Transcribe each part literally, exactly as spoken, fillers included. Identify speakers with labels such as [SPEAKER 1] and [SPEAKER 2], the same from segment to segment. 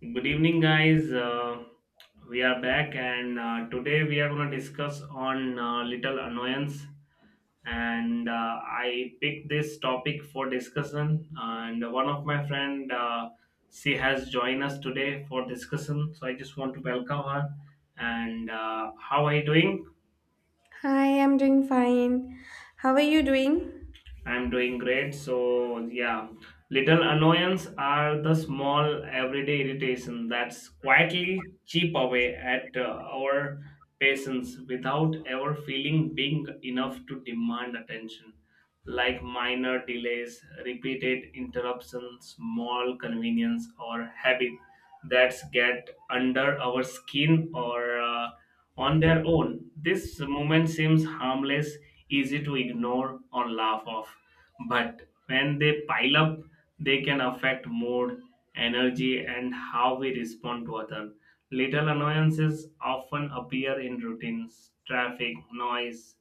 [SPEAKER 1] Good evening, guys. Uh, we are back, and uh, today we are going to discuss on uh, little annoyance. And uh, I picked this topic for discussion. And one of my friend, uh, she has joined us today for discussion. So I just want to welcome her. And uh, How are you doing?
[SPEAKER 2] Hi, I'm doing fine. How are you doing?
[SPEAKER 1] I'm doing great. So, yeah, little annoyance are the small everyday irritation that's quietly chip away at uh, our patience without ever feeling big enough to demand attention. Like minor delays, repeated interruptions, small convenience, or habit that's get under our skin or uh, on their own, this movement seems harmless, easy to ignore or laugh off. But when they pile up, they can affect mood, energy, and how we respond to others. Little annoyances often appear in routines, traffic, noise,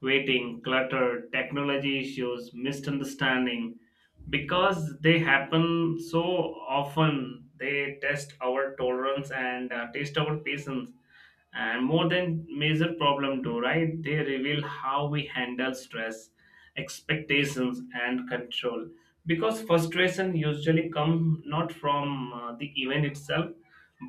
[SPEAKER 1] waiting, clutter, technology issues, misunderstanding. Because they happen so often, they test our tolerance and uh, test our patience, and more than major problem do, right? They reveal how we handle stress, expectations, and control, because frustration usually come not from uh, the event itself,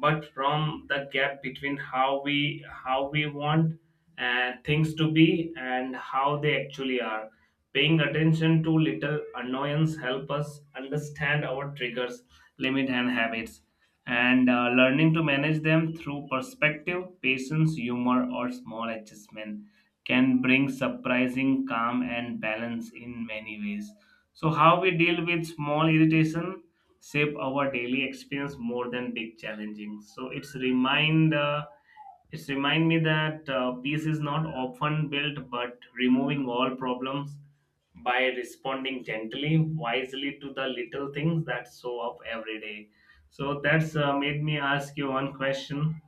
[SPEAKER 1] but from the gap between how we how we want uh, things to be and how they actually are. Paying attention to little annoyance help us understand our triggers, limit, and habits, and uh, learning to manage them through perspective, patience, humor, or small adjustment can bring surprising calm and balance in many ways. So, how we deal with small irritation shape our daily experience more than big challenging. So, it's remind. Uh, it's remind me that uh, peace is not often built but removing all problems by responding gently wisely to the little things that show up every day. So that's uh, made me ask you one question.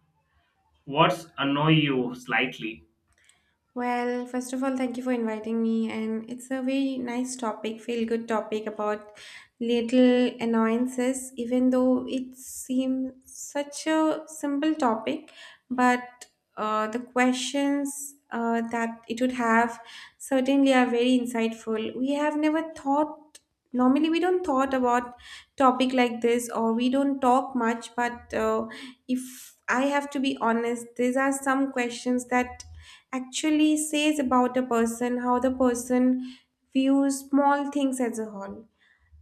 [SPEAKER 1] What's annoy you slightly?
[SPEAKER 2] Well, first of all, thank you for inviting me, and it's a very nice topic, feel good topic about little annoyances, even though it seems such a simple topic, but uh, the questions uh, that it would have certainly are very insightful. We have never thought, normally we don't thought about topic like this, or we don't talk much, but uh, if I have to be honest, these are some questions that actually says about a person, how the person views small things as a whole.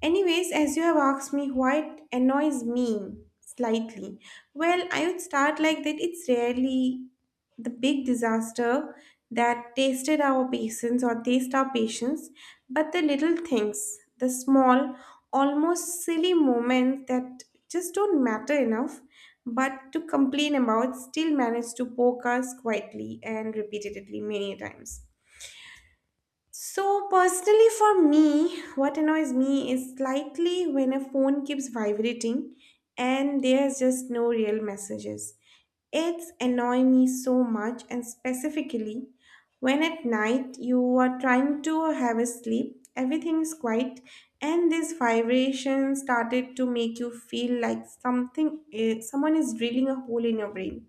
[SPEAKER 2] Anyways, as you have asked me what annoys me slightly, well, I would start like that it's rarely the big disaster that tasted our patience or taste our patience, but the little things, the small, almost silly moments that just don't matter enough, but to complain about still manage to poke us quietly and repeatedly many times. So, personally, for me, what annoys me is slightly when a phone keeps vibrating and there's just no real messages. It's annoying me so much, and specifically when at night you are trying to have a sleep, everything is quiet, and this vibration started to make you feel like something, eh, someone is drilling a hole in your brain.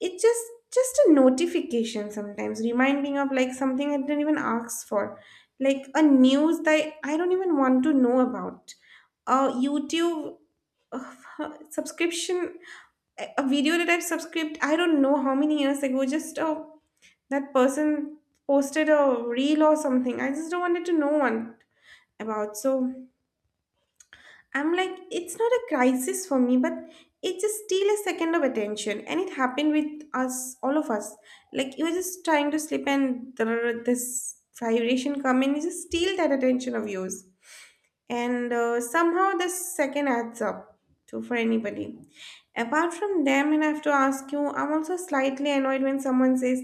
[SPEAKER 2] It's just just a notification sometimes reminding of like something I didn't even ask for, like a news that I don't even want to know about, a YouTube uh, subscription, a a video that I've subscribed I don't know how many years ago, just uh, that person posted a reel or something I just don't wanted to know one about. So I'm like, it's not a crisis for me, but it's just still a second of attention. And it happened with us, all of us. Like, you were just trying to sleep and there this vibration come in, you just steal that attention of yours, and uh, somehow the second adds up to for anybody. Apart from them, and I have to ask you, I'm also slightly annoyed when someone says,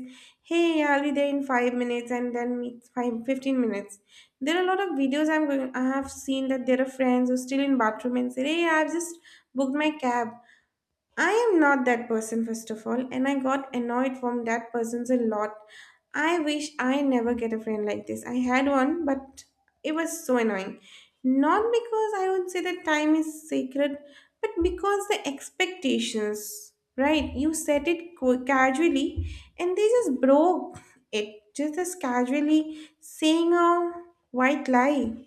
[SPEAKER 2] hey, I'll be there in five minutes, and then meets five fifteen minutes. There are a lot of videos I'm going I have seen that there are friends who are still in bathroom and say, hey, I've just booked my cab. I am not that person, first of all, and I got annoyed from that person's a lot. I wish I never get a friend like this. I had one, but it was so annoying. Not because I would say that time is sacred, but because the expectations, right? You set it co- casually, and they just broke it. Just as casually saying a white lie.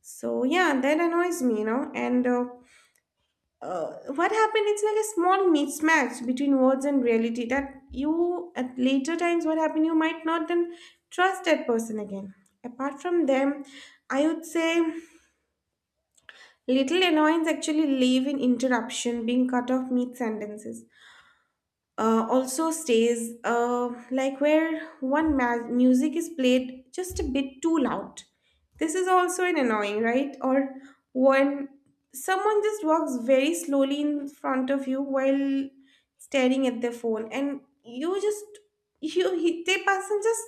[SPEAKER 2] So yeah, that annoys me, you know. And uh, uh, what happened it's like a small mismatch between words and reality that you at later times what happened you might not then trust that person again. Apart from them, I would say little annoyance actually live in interruption, being cut off mid sentences, uh, also stays uh, like where one ma- music is played just a bit too loud. This is also an annoying, right? Or when someone just walks very slowly in front of you while staring at their phone, and you just you he- they person just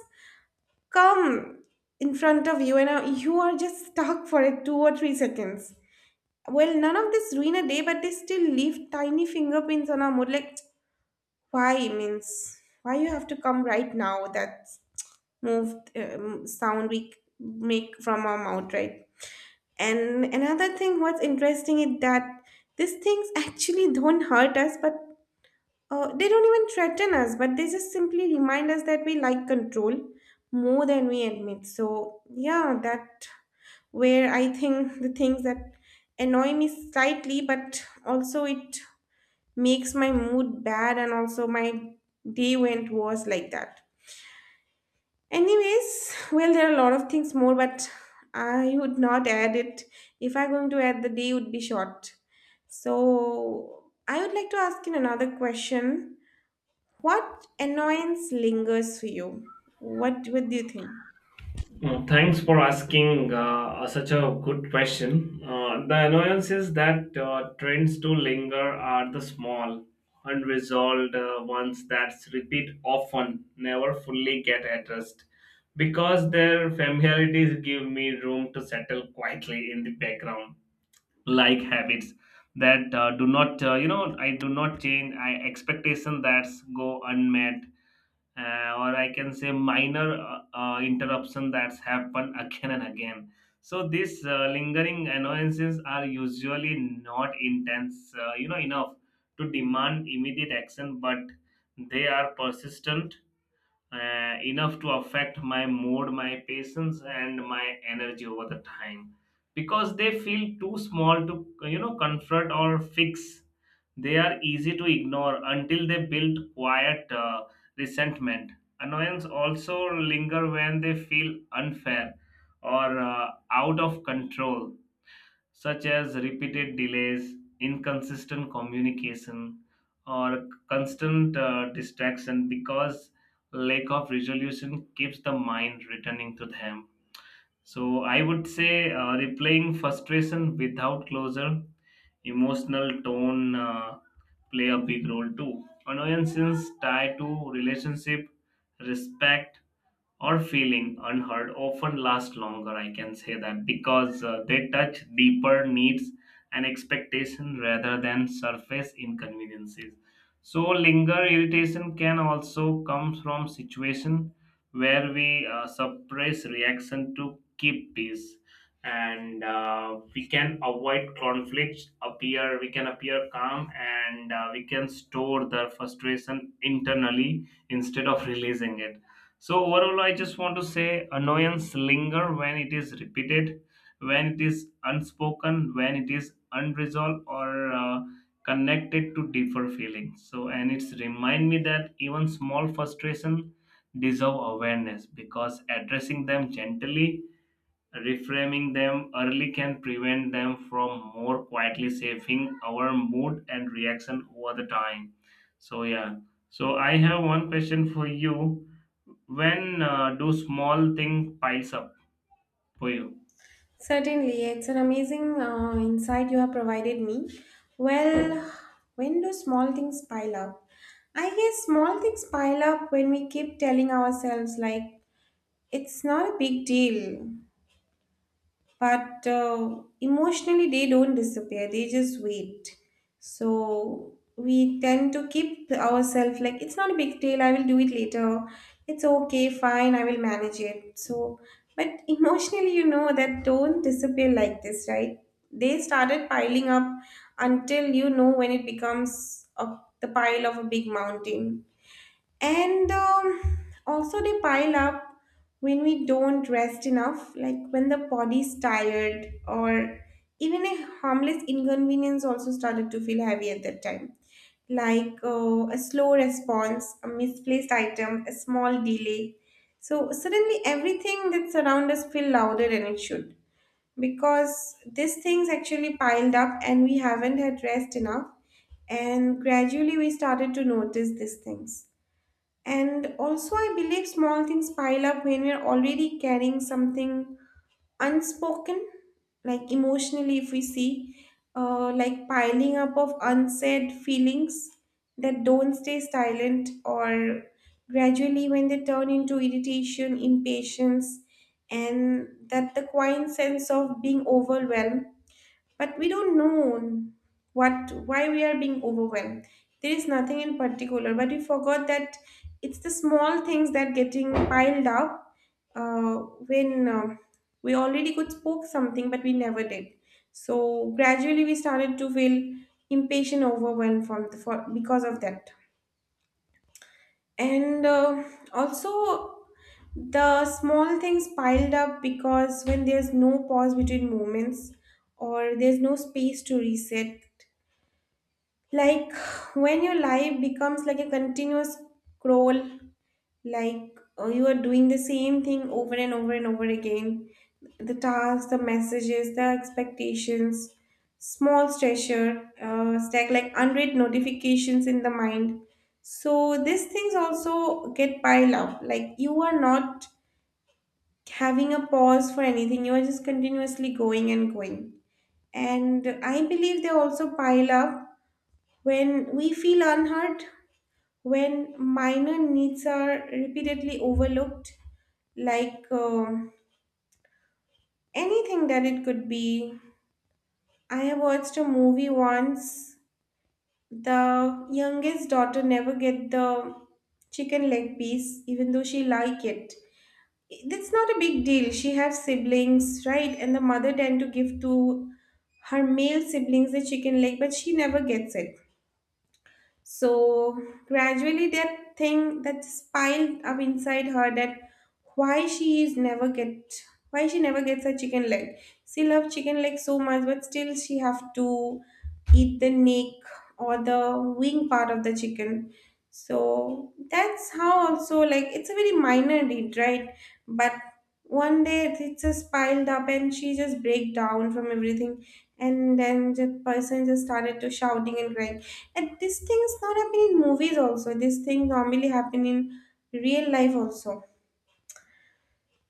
[SPEAKER 2] come in front of you, and uh, you are just stuck for a two or three seconds. Well, none of this ruin a day, but they still leave tiny fingerprints on our mood. Like why means why you have to come right now? That move um, sound we c- make from our mouth, right? And another thing, what's interesting is that these things actually don't hurt us, but uh, they don't even threaten us, but they just simply remind us that we like control more than we admit. So yeah, that where I think the things that annoy me slightly, but also it makes my mood bad and also my day went worse like that. Anyways, well, there are a lot of things more, but I would not add it. If I'm going to add, the day would be short. So I would like to ask you another question. What annoyance lingers for you? What what do you think?
[SPEAKER 1] Mm, Thanks for asking uh, such a good question. Uh, the annoyances that uh, trends to linger are the small, unresolved uh, ones that repeat often, never fully get addressed. Because their familiarities give me room to settle quietly in the background, like habits that uh, do not uh, you know, I do not change, I expectation that's go unmet, uh, or I can say minor uh, uh, interruption that's happened again and again. So these uh, lingering annoyances are usually not intense uh, you know, enough to demand immediate action, but they are persistent uh, enough to affect my mood, my patience, and my energy over the time, because they feel too small to you know confront or fix. They are easy to ignore until they build quiet uh, resentment. Annoyance also linger when they feel unfair or uh, out of control, such as repeated delays, inconsistent communication, or constant uh, distraction, because lack of resolution keeps the mind returning to them. So I would say uh, replaying frustration without closure, emotional tone uh, play a big role too. Annoyances tied to relationship, respect, or feeling unheard often last longer, I can say that, because uh, they touch deeper needs and expectation rather than surface inconveniences. So linger irritation can also come from situation where we uh, suppress reaction to keep peace, and uh, we can avoid conflicts appear, we can appear calm, and uh, we can store the frustration internally instead of releasing it. So overall, I just want to say annoyance linger when it is repeated, when it is unspoken, when it is unresolved, or uh, connected to deeper feelings. So, and it's remind me that even small frustration deserve awareness, because addressing them gently, reframing them early, can prevent them from more quietly shaping our mood and reaction over the time. So, yeah. So, I have one question for you. When uh, do small things piles up for you?
[SPEAKER 2] Certainly, it's an amazing uh, insight you have provided me. Well, when do small things pile up? I guess small things pile up when we keep telling ourselves, like, it's not a big deal, but uh, emotionally they don't disappear, they just wait. So we tend to keep ourselves like it's not a big deal, I will do it later, it's okay fine I will manage it. So but emotionally, you know, that don't disappear like this, right? They started piling up until, you know, when it becomes a, the pile of a big mountain. And um, also they pile up when we don't rest enough, like when the body's tired, or even a harmless inconvenience also started to feel heavy at that time, like uh, a slow response, a misplaced item, a small delay. So suddenly everything that surrounds us feel louder than it should, because these things actually piled up and we haven't had rest enough, and gradually we started to notice these things. And also, I believe small things pile up when we're already carrying something unspoken, like emotionally, if we see, uh, like piling up of unsaid feelings that don't stay silent, or gradually when they turn into irritation, impatience, and that the quiet sense of being overwhelmed, but we don't know what why we are being overwhelmed. There is nothing in particular, but we forgot that it's the small things that getting piled up. uh, when um we already could spoke something but we never did, so gradually we started to feel impatient, overwhelmed from the, for, because of that. And uh, also, the small things piled up because when there's no pause between moments, or there's no space to reset, like when your life becomes like a continuous scroll, like uh, you are doing the same thing over and over and over again, the tasks, the messages, the expectations, small stressor uh, stack like unread notifications in the mind. So these things also get piled up, like you are not having a pause for anything, you are just continuously going and going. And I believe they also pile up when we feel unheard, when minor needs are repeatedly overlooked, like um anything that it could be. I have watched a movie once. The youngest daughter never get the chicken leg piece, even though she like it. That's not a big deal. She has siblings, right? And the mother tend to give to her male siblings the chicken leg, but she never gets it. So gradually, that thing that's piled up inside her that why she is never get why she never gets a chicken leg. She loves chicken leg so much, but still she have to eat the neck or the wing part of the chicken. So that's how also like it's a very minor deed, right? But one day it's just piled up and she just break down from everything, and then the person just started to shouting and crying. And this thing is not happening in movies also. This thing normally happen in real life also.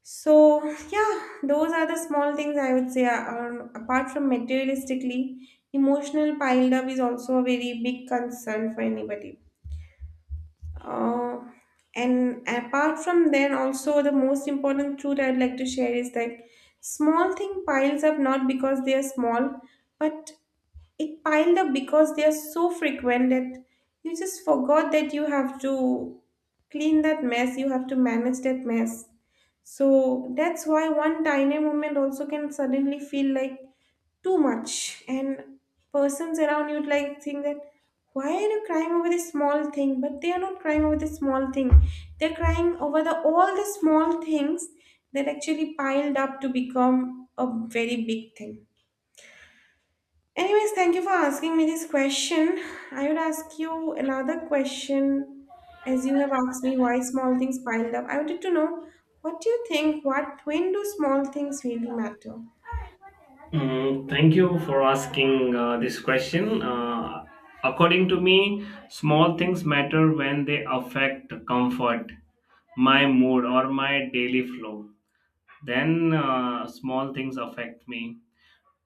[SPEAKER 2] So yeah, those are the small things I would say are, apart from materialistically, emotional piled up is also a very big concern for anybody. Uh, and apart from then also the most important truth I'd like to share is that small thing piles up not because they are small, but it piled up because they are so frequent that you just forgot that you have to clean that mess, you have to manage that mess. So that's why one tiny moment also can suddenly feel like too much, and persons around you would like think that, why are you crying over this small thing? But they are not crying over this small thing. They're crying over the all the small things that actually piled up to become a very big thing. Anyways, thank you for asking me this question. I would ask you another question. As you have asked me why small things piled up, I wanted to know what do you think, what when do small things really matter?
[SPEAKER 1] Mm, thank you for asking uh, this question. Uh, according to me, small things matter when they affect comfort, my mood, or my daily flow. Then uh, small things affect me.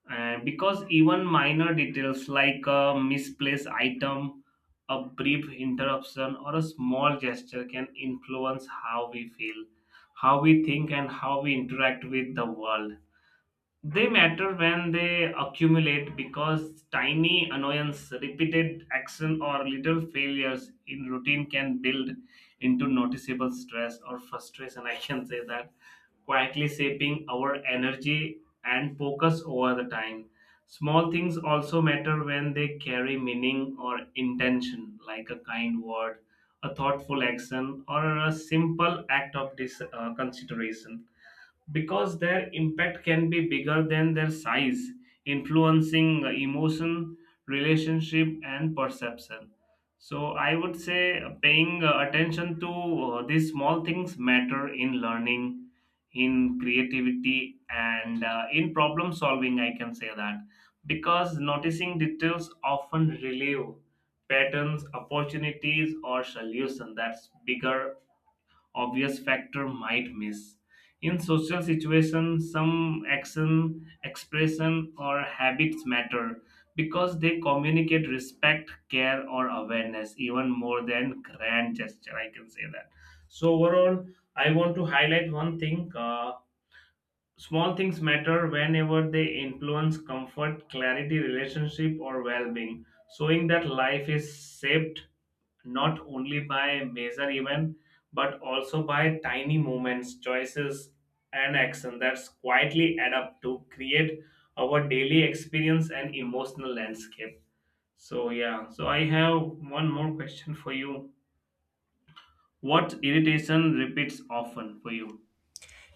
[SPEAKER 1] And because even minor details like a misplaced item, a brief interruption, or a small gesture can influence how we feel, how we think, and how we interact with the world, they matter when they accumulate, because tiny annoyance, repeated action, or little failures in routine can build into noticeable stress or frustration. I can say that quietly shaping our energy and focus over the time. Small things also matter when they carry meaning or intention, like a kind word, a thoughtful action, or a simple act of dis- uh, consideration, because their impact can be bigger than their size, influencing emotion, relationship, and perception. So I would say paying uh, attention to uh, these small things matter in learning, in creativity, and uh, in problem solving. I can say that, because noticing details often relieve patterns, opportunities, or solution that's bigger obvious factor might miss. In social situations, some action, expression, or habits matter because they communicate respect, care, or awareness even more than grand gesture. I can say that. So, overall, I want to highlight one thing. uh, Small things matter whenever they influence comfort, clarity, relationship, or well being, showing that life is shaped not only by major events but also by tiny moments, choices, and action that quietly add up to create our daily experience and emotional landscape. So, yeah, so I have one more question for you. What irritation repeats often for you?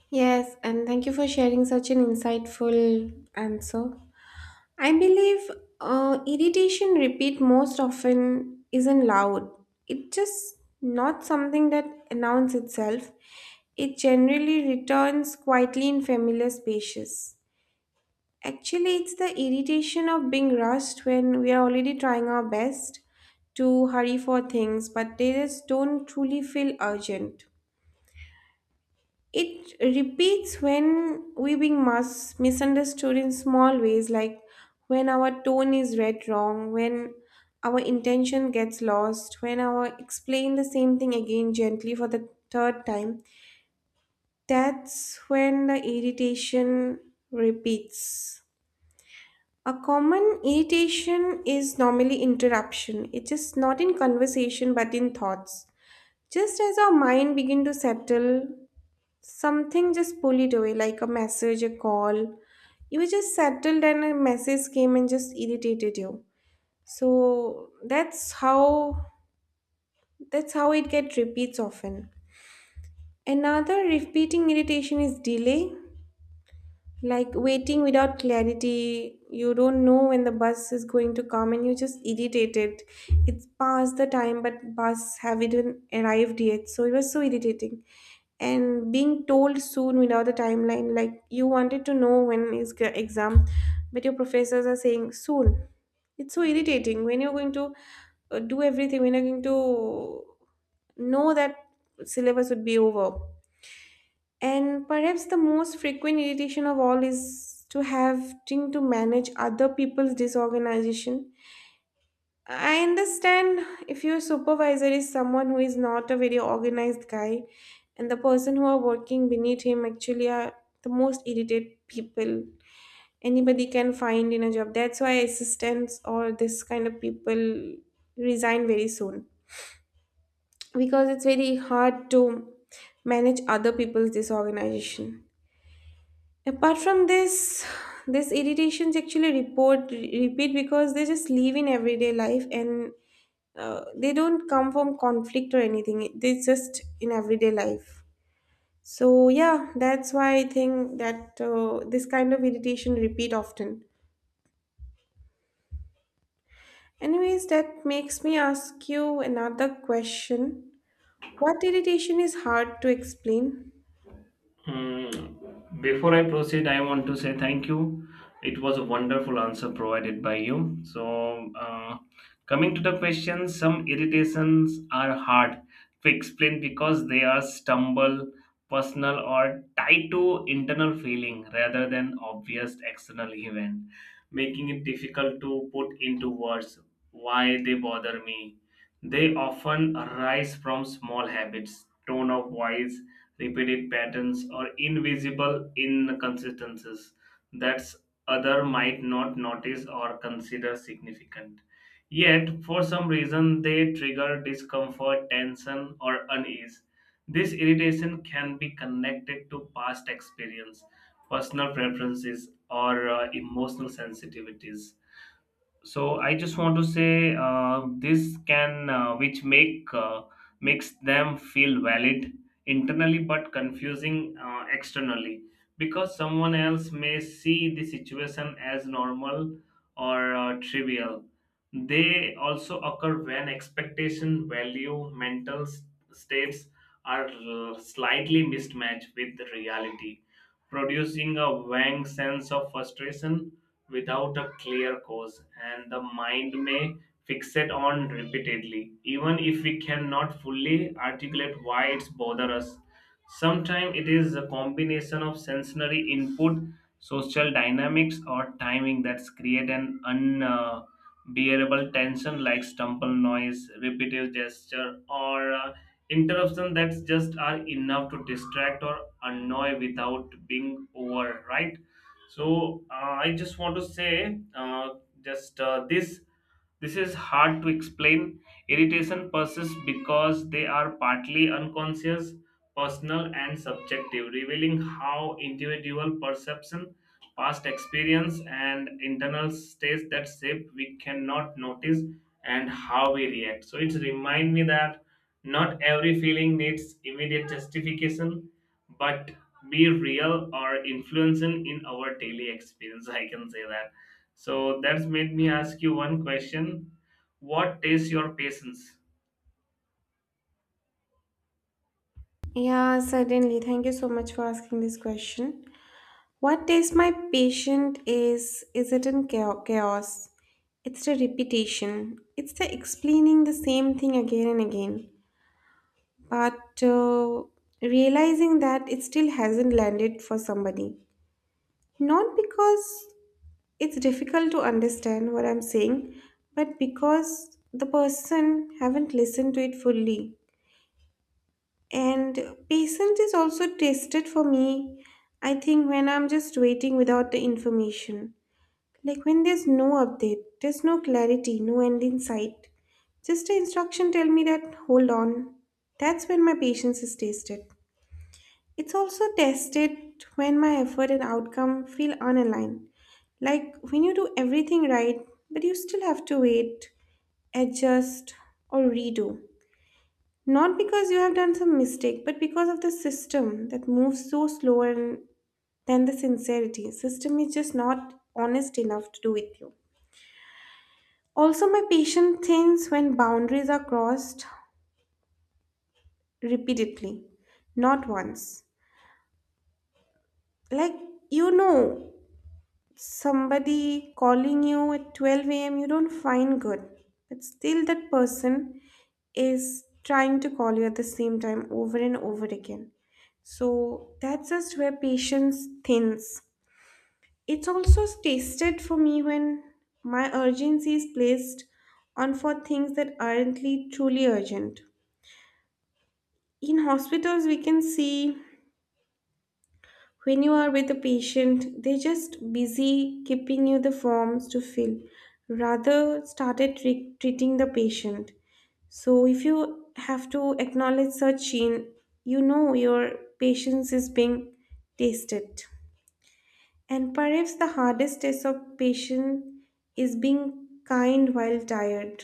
[SPEAKER 2] Yes, and thank you for sharing such an insightful answer. I believe uh, irritation repeat most often isn't loud. It's just not something that announces itself. It generally returns quietly in familiar spaces. Actually, it's the irritation of being rushed when we are already trying our best to hurry for things, but they just don't truly feel urgent. It repeats when we being mis- misunderstood in small ways, like when our tone is read wrong, when our intention gets lost, when our explain the same thing again gently for the third time. That's when the irritation repeats. A common irritation is normally interruption. It is not in conversation but in thoughts. Just as our mind begin to settle, something just pull it away, like a message, a call. You were just settled and a message came and just irritated you. So that's how that's how it get repeats often. Another repeating irritation is delay. Like waiting without clarity, you don't know when the bus is going to come and you're just irritated. It's past the time, but bus haven't even arrived yet, so it was so irritating. And being told soon without a timeline, like you wanted to know when is g- exam, but your professors are saying soon. It's so irritating when you're going to uh, do everything, when you're going to know that syllabus would be over, and perhaps the most frequent irritation of all is to having to manage other people's disorganization. I understand if your supervisor is someone who is not a very organized guy, and the person who are working beneath him actually are the most irritated people anybody can find in a job. That's why assistants or this kind of people resign very soon because it's very hard to manage other people's disorganization. Apart from this, these irritations actually report repeat because they just live in everyday life, and uh, they don't come from conflict or anything. They just in everyday life. So yeah, that's why I think that uh, this kind of irritation repeat often. Anyways, that makes me ask you another question. What irritation is hard to explain?
[SPEAKER 1] Mm, before I proceed, I want to say thank you. It was a wonderful answer provided by you. So, uh, coming to the question, some irritations are hard to explain because they are stumble, personal, or tied to internal feeling rather than obvious external event, making it difficult to put into words why they bother me. They often arise from small habits, tone of voice, repeated patterns, or invisible inconsistencies that other might not notice or consider significant. Yet, for some reason, they trigger discomfort, tension, or unease. This irritation can be connected to past experience, personal preferences, or uh, emotional sensitivities. So I just want to say uh, this can uh, which make uh, makes them feel valid internally but confusing uh, externally, because someone else may see the situation as normal or uh, trivial. They also occur when expectation value mental s- states are l- slightly mismatched with the reality, producing a vague sense of frustration without a clear cause, and the mind may fixate on repeatedly, even if we cannot fully articulate why it's bother us. Sometimes it is a combination of sensory input, social dynamics, or timing that's create an unbearable tension, like stumble noise, repetitive gesture, or uh, interruption that's just are enough to distract or annoy without being over, right? So uh, I just want to say, uh, just uh, this this is hard to explain. Irritation persists because they are partly unconscious, personal, and subjective, revealing how individual perception, past experience, and internal states that shape we cannot notice and how we react. So it remind me that not every feeling needs immediate justification, but be real or influencing in our daily experience, I can say that. So that's made me ask you one question. What is your patience?
[SPEAKER 2] Yeah, certainly. Thank you so much for asking this question. What is my patient is, is it in chao- chaos? It's the repetition. It's the explaining the same thing again and again. But uh, realizing that it still hasn't landed for somebody. Not because it's difficult to understand what I'm saying, but because the person haven't listened to it fully. And patience is also tested for me, I think, when I'm just waiting without the information. Like when there's no update, there's no clarity, no end in sight. Just an instruction tell me that hold on. That's when my patience is tested. It's also tested when my effort and outcome feel unaligned. Like when you do everything right, but you still have to wait, adjust, or redo. Not because you have done some mistake, but because of the system that moves so slower than the sincerity. System is just not honest enough to do with you. Also, my patience thins when boundaries are crossed repeatedly, not once. Like, you know, somebody calling you at twelve a m, you don't find good, but still that person is trying to call you at the same time over and over again. So, that's just where patience thins. It's also tasted for me when my urgency is placed on for things that aren't really truly urgent. In hospitals we can see, when you are with a patient they're just busy keeping you the forms to fill rather started tre- treating the patient. So if you have to acknowledge such in, you know, your patience is being tested. And perhaps the hardest test of patience is being kind while tired.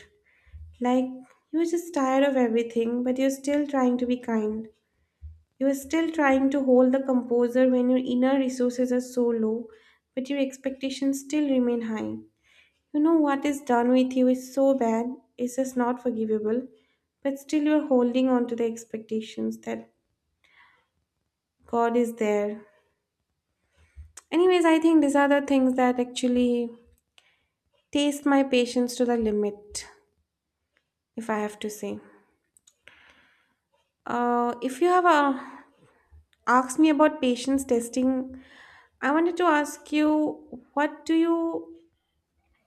[SPEAKER 2] Like, you're just tired of everything but you're still trying to be kind. You are still trying to hold the composure when your inner resources are so low, but your expectations still remain high. You know what is done with you is so bad, it's just not forgivable, but still you're holding on to the expectations that God is there. Anyways, I think these are the things that actually taste my patience to the limit, if I have to say. Uh, if you have uh, asked me about patience testing, I wanted to ask you what do you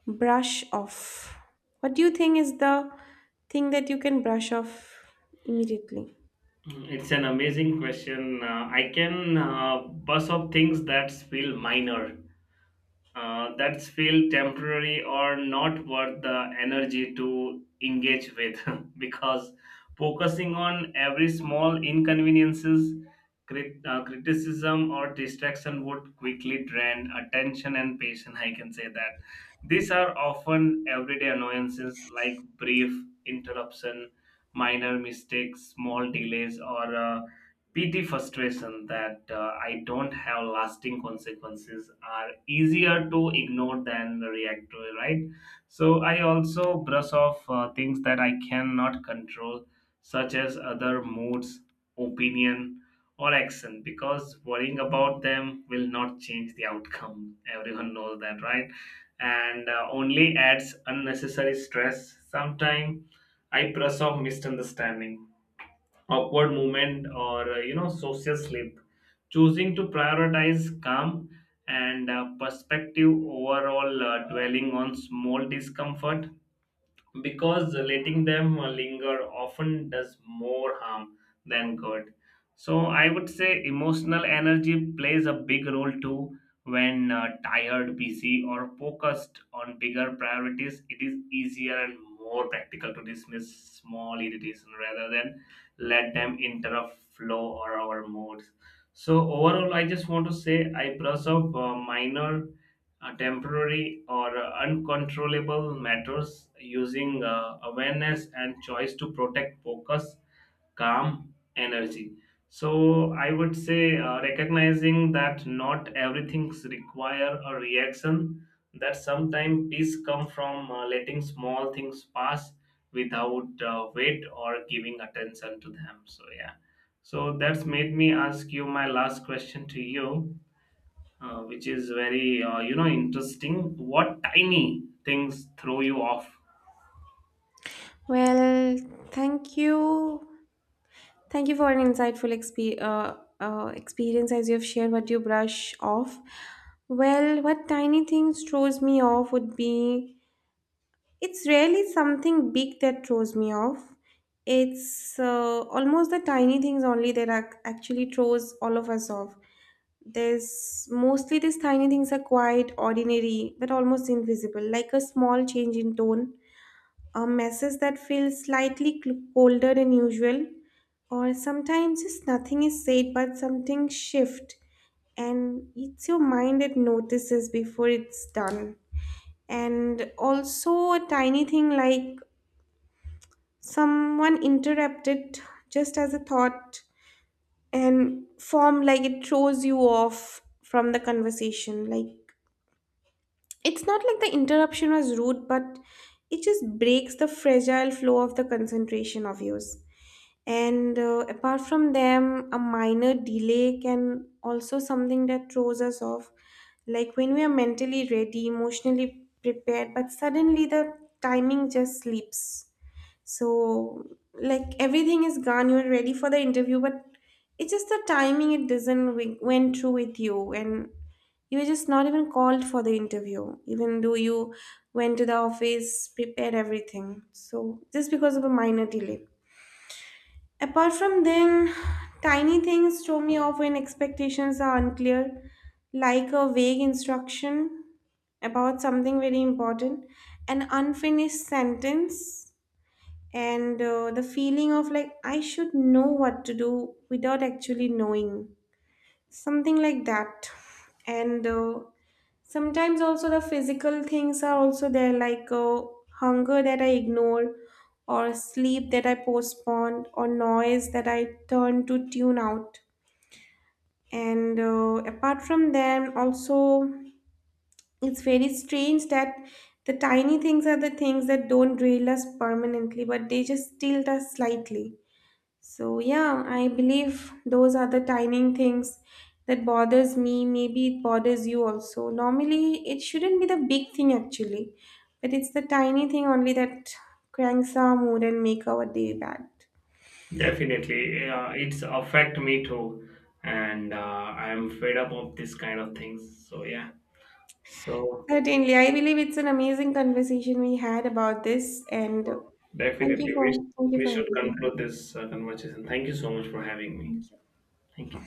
[SPEAKER 2] brush off. What do you think is the thing that you can brush off immediately?
[SPEAKER 1] Mm, it's an amazing question. Uh, i can uh, buzz up things that feel minor, uh, that's feel temporary or not worth the energy to engage with, because focusing on every small inconveniences, crit- uh, criticism, or distraction would quickly drain attention and patience, I can say that. These are often everyday annoyances like brief interruption, minor mistakes, small delays, or uh, P T frustration that uh, I don't have lasting consequences are easier to ignore than react to, right? So I also brush off uh, things that I cannot control, such as other moods, opinion, or action, because worrying about them will not change the outcome. Everyone knows that, right? And uh, only adds unnecessary stress. Sometimes I brush off misunderstanding, upward movement, or uh, you know, social sleep, choosing to prioritize calm and uh, perspective overall, uh, dwelling on small discomfort, because letting them linger often does more harm than good. So I would say emotional energy plays a big role too. When uh, tired, busy, or focused on bigger priorities, it is easier and more practical to dismiss small irritation rather than let them interrupt flow or our moods. So overall, I just want to say I brush off uh, minor, uh, temporary, or uh, uncontrollable matters, using uh, awareness and choice to protect focus, calm, energy. So I would say uh, recognizing that not everything require a reaction. That sometimes peace come from uh, letting small things pass without uh, weight or giving attention to them. So yeah. So that's made me ask you my last question to you, uh, which is very uh, you know, interesting. What tiny things throw you off?
[SPEAKER 2] Well, thank you. Thank you for an insightful expe- uh, uh, experience as you have shared what you brush off. Well, what tiny things throws me off would be, it's rarely something big that throws me off. It's uh, almost the tiny things only that ac- actually throws all of us off. There's mostly these tiny things are quite ordinary but almost invisible, like a small change in tone, a message that feels slightly cl- colder than usual, or sometimes just nothing is said but something shift and it's your mind that notices before it's done. And also a tiny thing like someone interrupted just as a thought and form, like it throws you off from the conversation. Like, it's not like the interruption was rude, but it just breaks the fragile flow of the concentration of yours. And uh, apart from them, a minor delay can also something that throws us off. Like when we are mentally ready, emotionally prepared, but suddenly the timing just slips. So, like everything is gone, you're ready for the interview, but it's just the timing it doesn't wi- went through with you, and you were just not even called for the interview, even though you went to the office, prepared everything. So, just because of a minor delay. Apart from then, tiny things throw me off when expectations are unclear, like a vague instruction about something very important, an unfinished sentence, and uh, the feeling of like I should know what to do without actually knowing, something like that. And uh, sometimes also the physical things are also there, like uh, hunger that I ignore or sleep that I postpone or noise that I turn to tune out. And uh, apart from them also, it's very strange that the tiny things are the things that don't derail us permanently but they just tilt us slightly. So yeah, I believe those are the tiny things that bothers me. Maybe it bothers you also. Normally, it shouldn't be the big thing actually, but it's the tiny thing only that cranks our mood and make our day bad.
[SPEAKER 1] Definitely uh, it's affect me too, and uh, I'm fed up of this kind of things. So yeah. so
[SPEAKER 2] Certainly, I believe it's an amazing conversation we had about this, and
[SPEAKER 1] uh,
[SPEAKER 2] thank you
[SPEAKER 1] definitely we,
[SPEAKER 2] for thank you
[SPEAKER 1] we
[SPEAKER 2] for
[SPEAKER 1] should
[SPEAKER 2] everything.
[SPEAKER 1] conclude this uh, conversation. Thank you so much for having me. Thank you.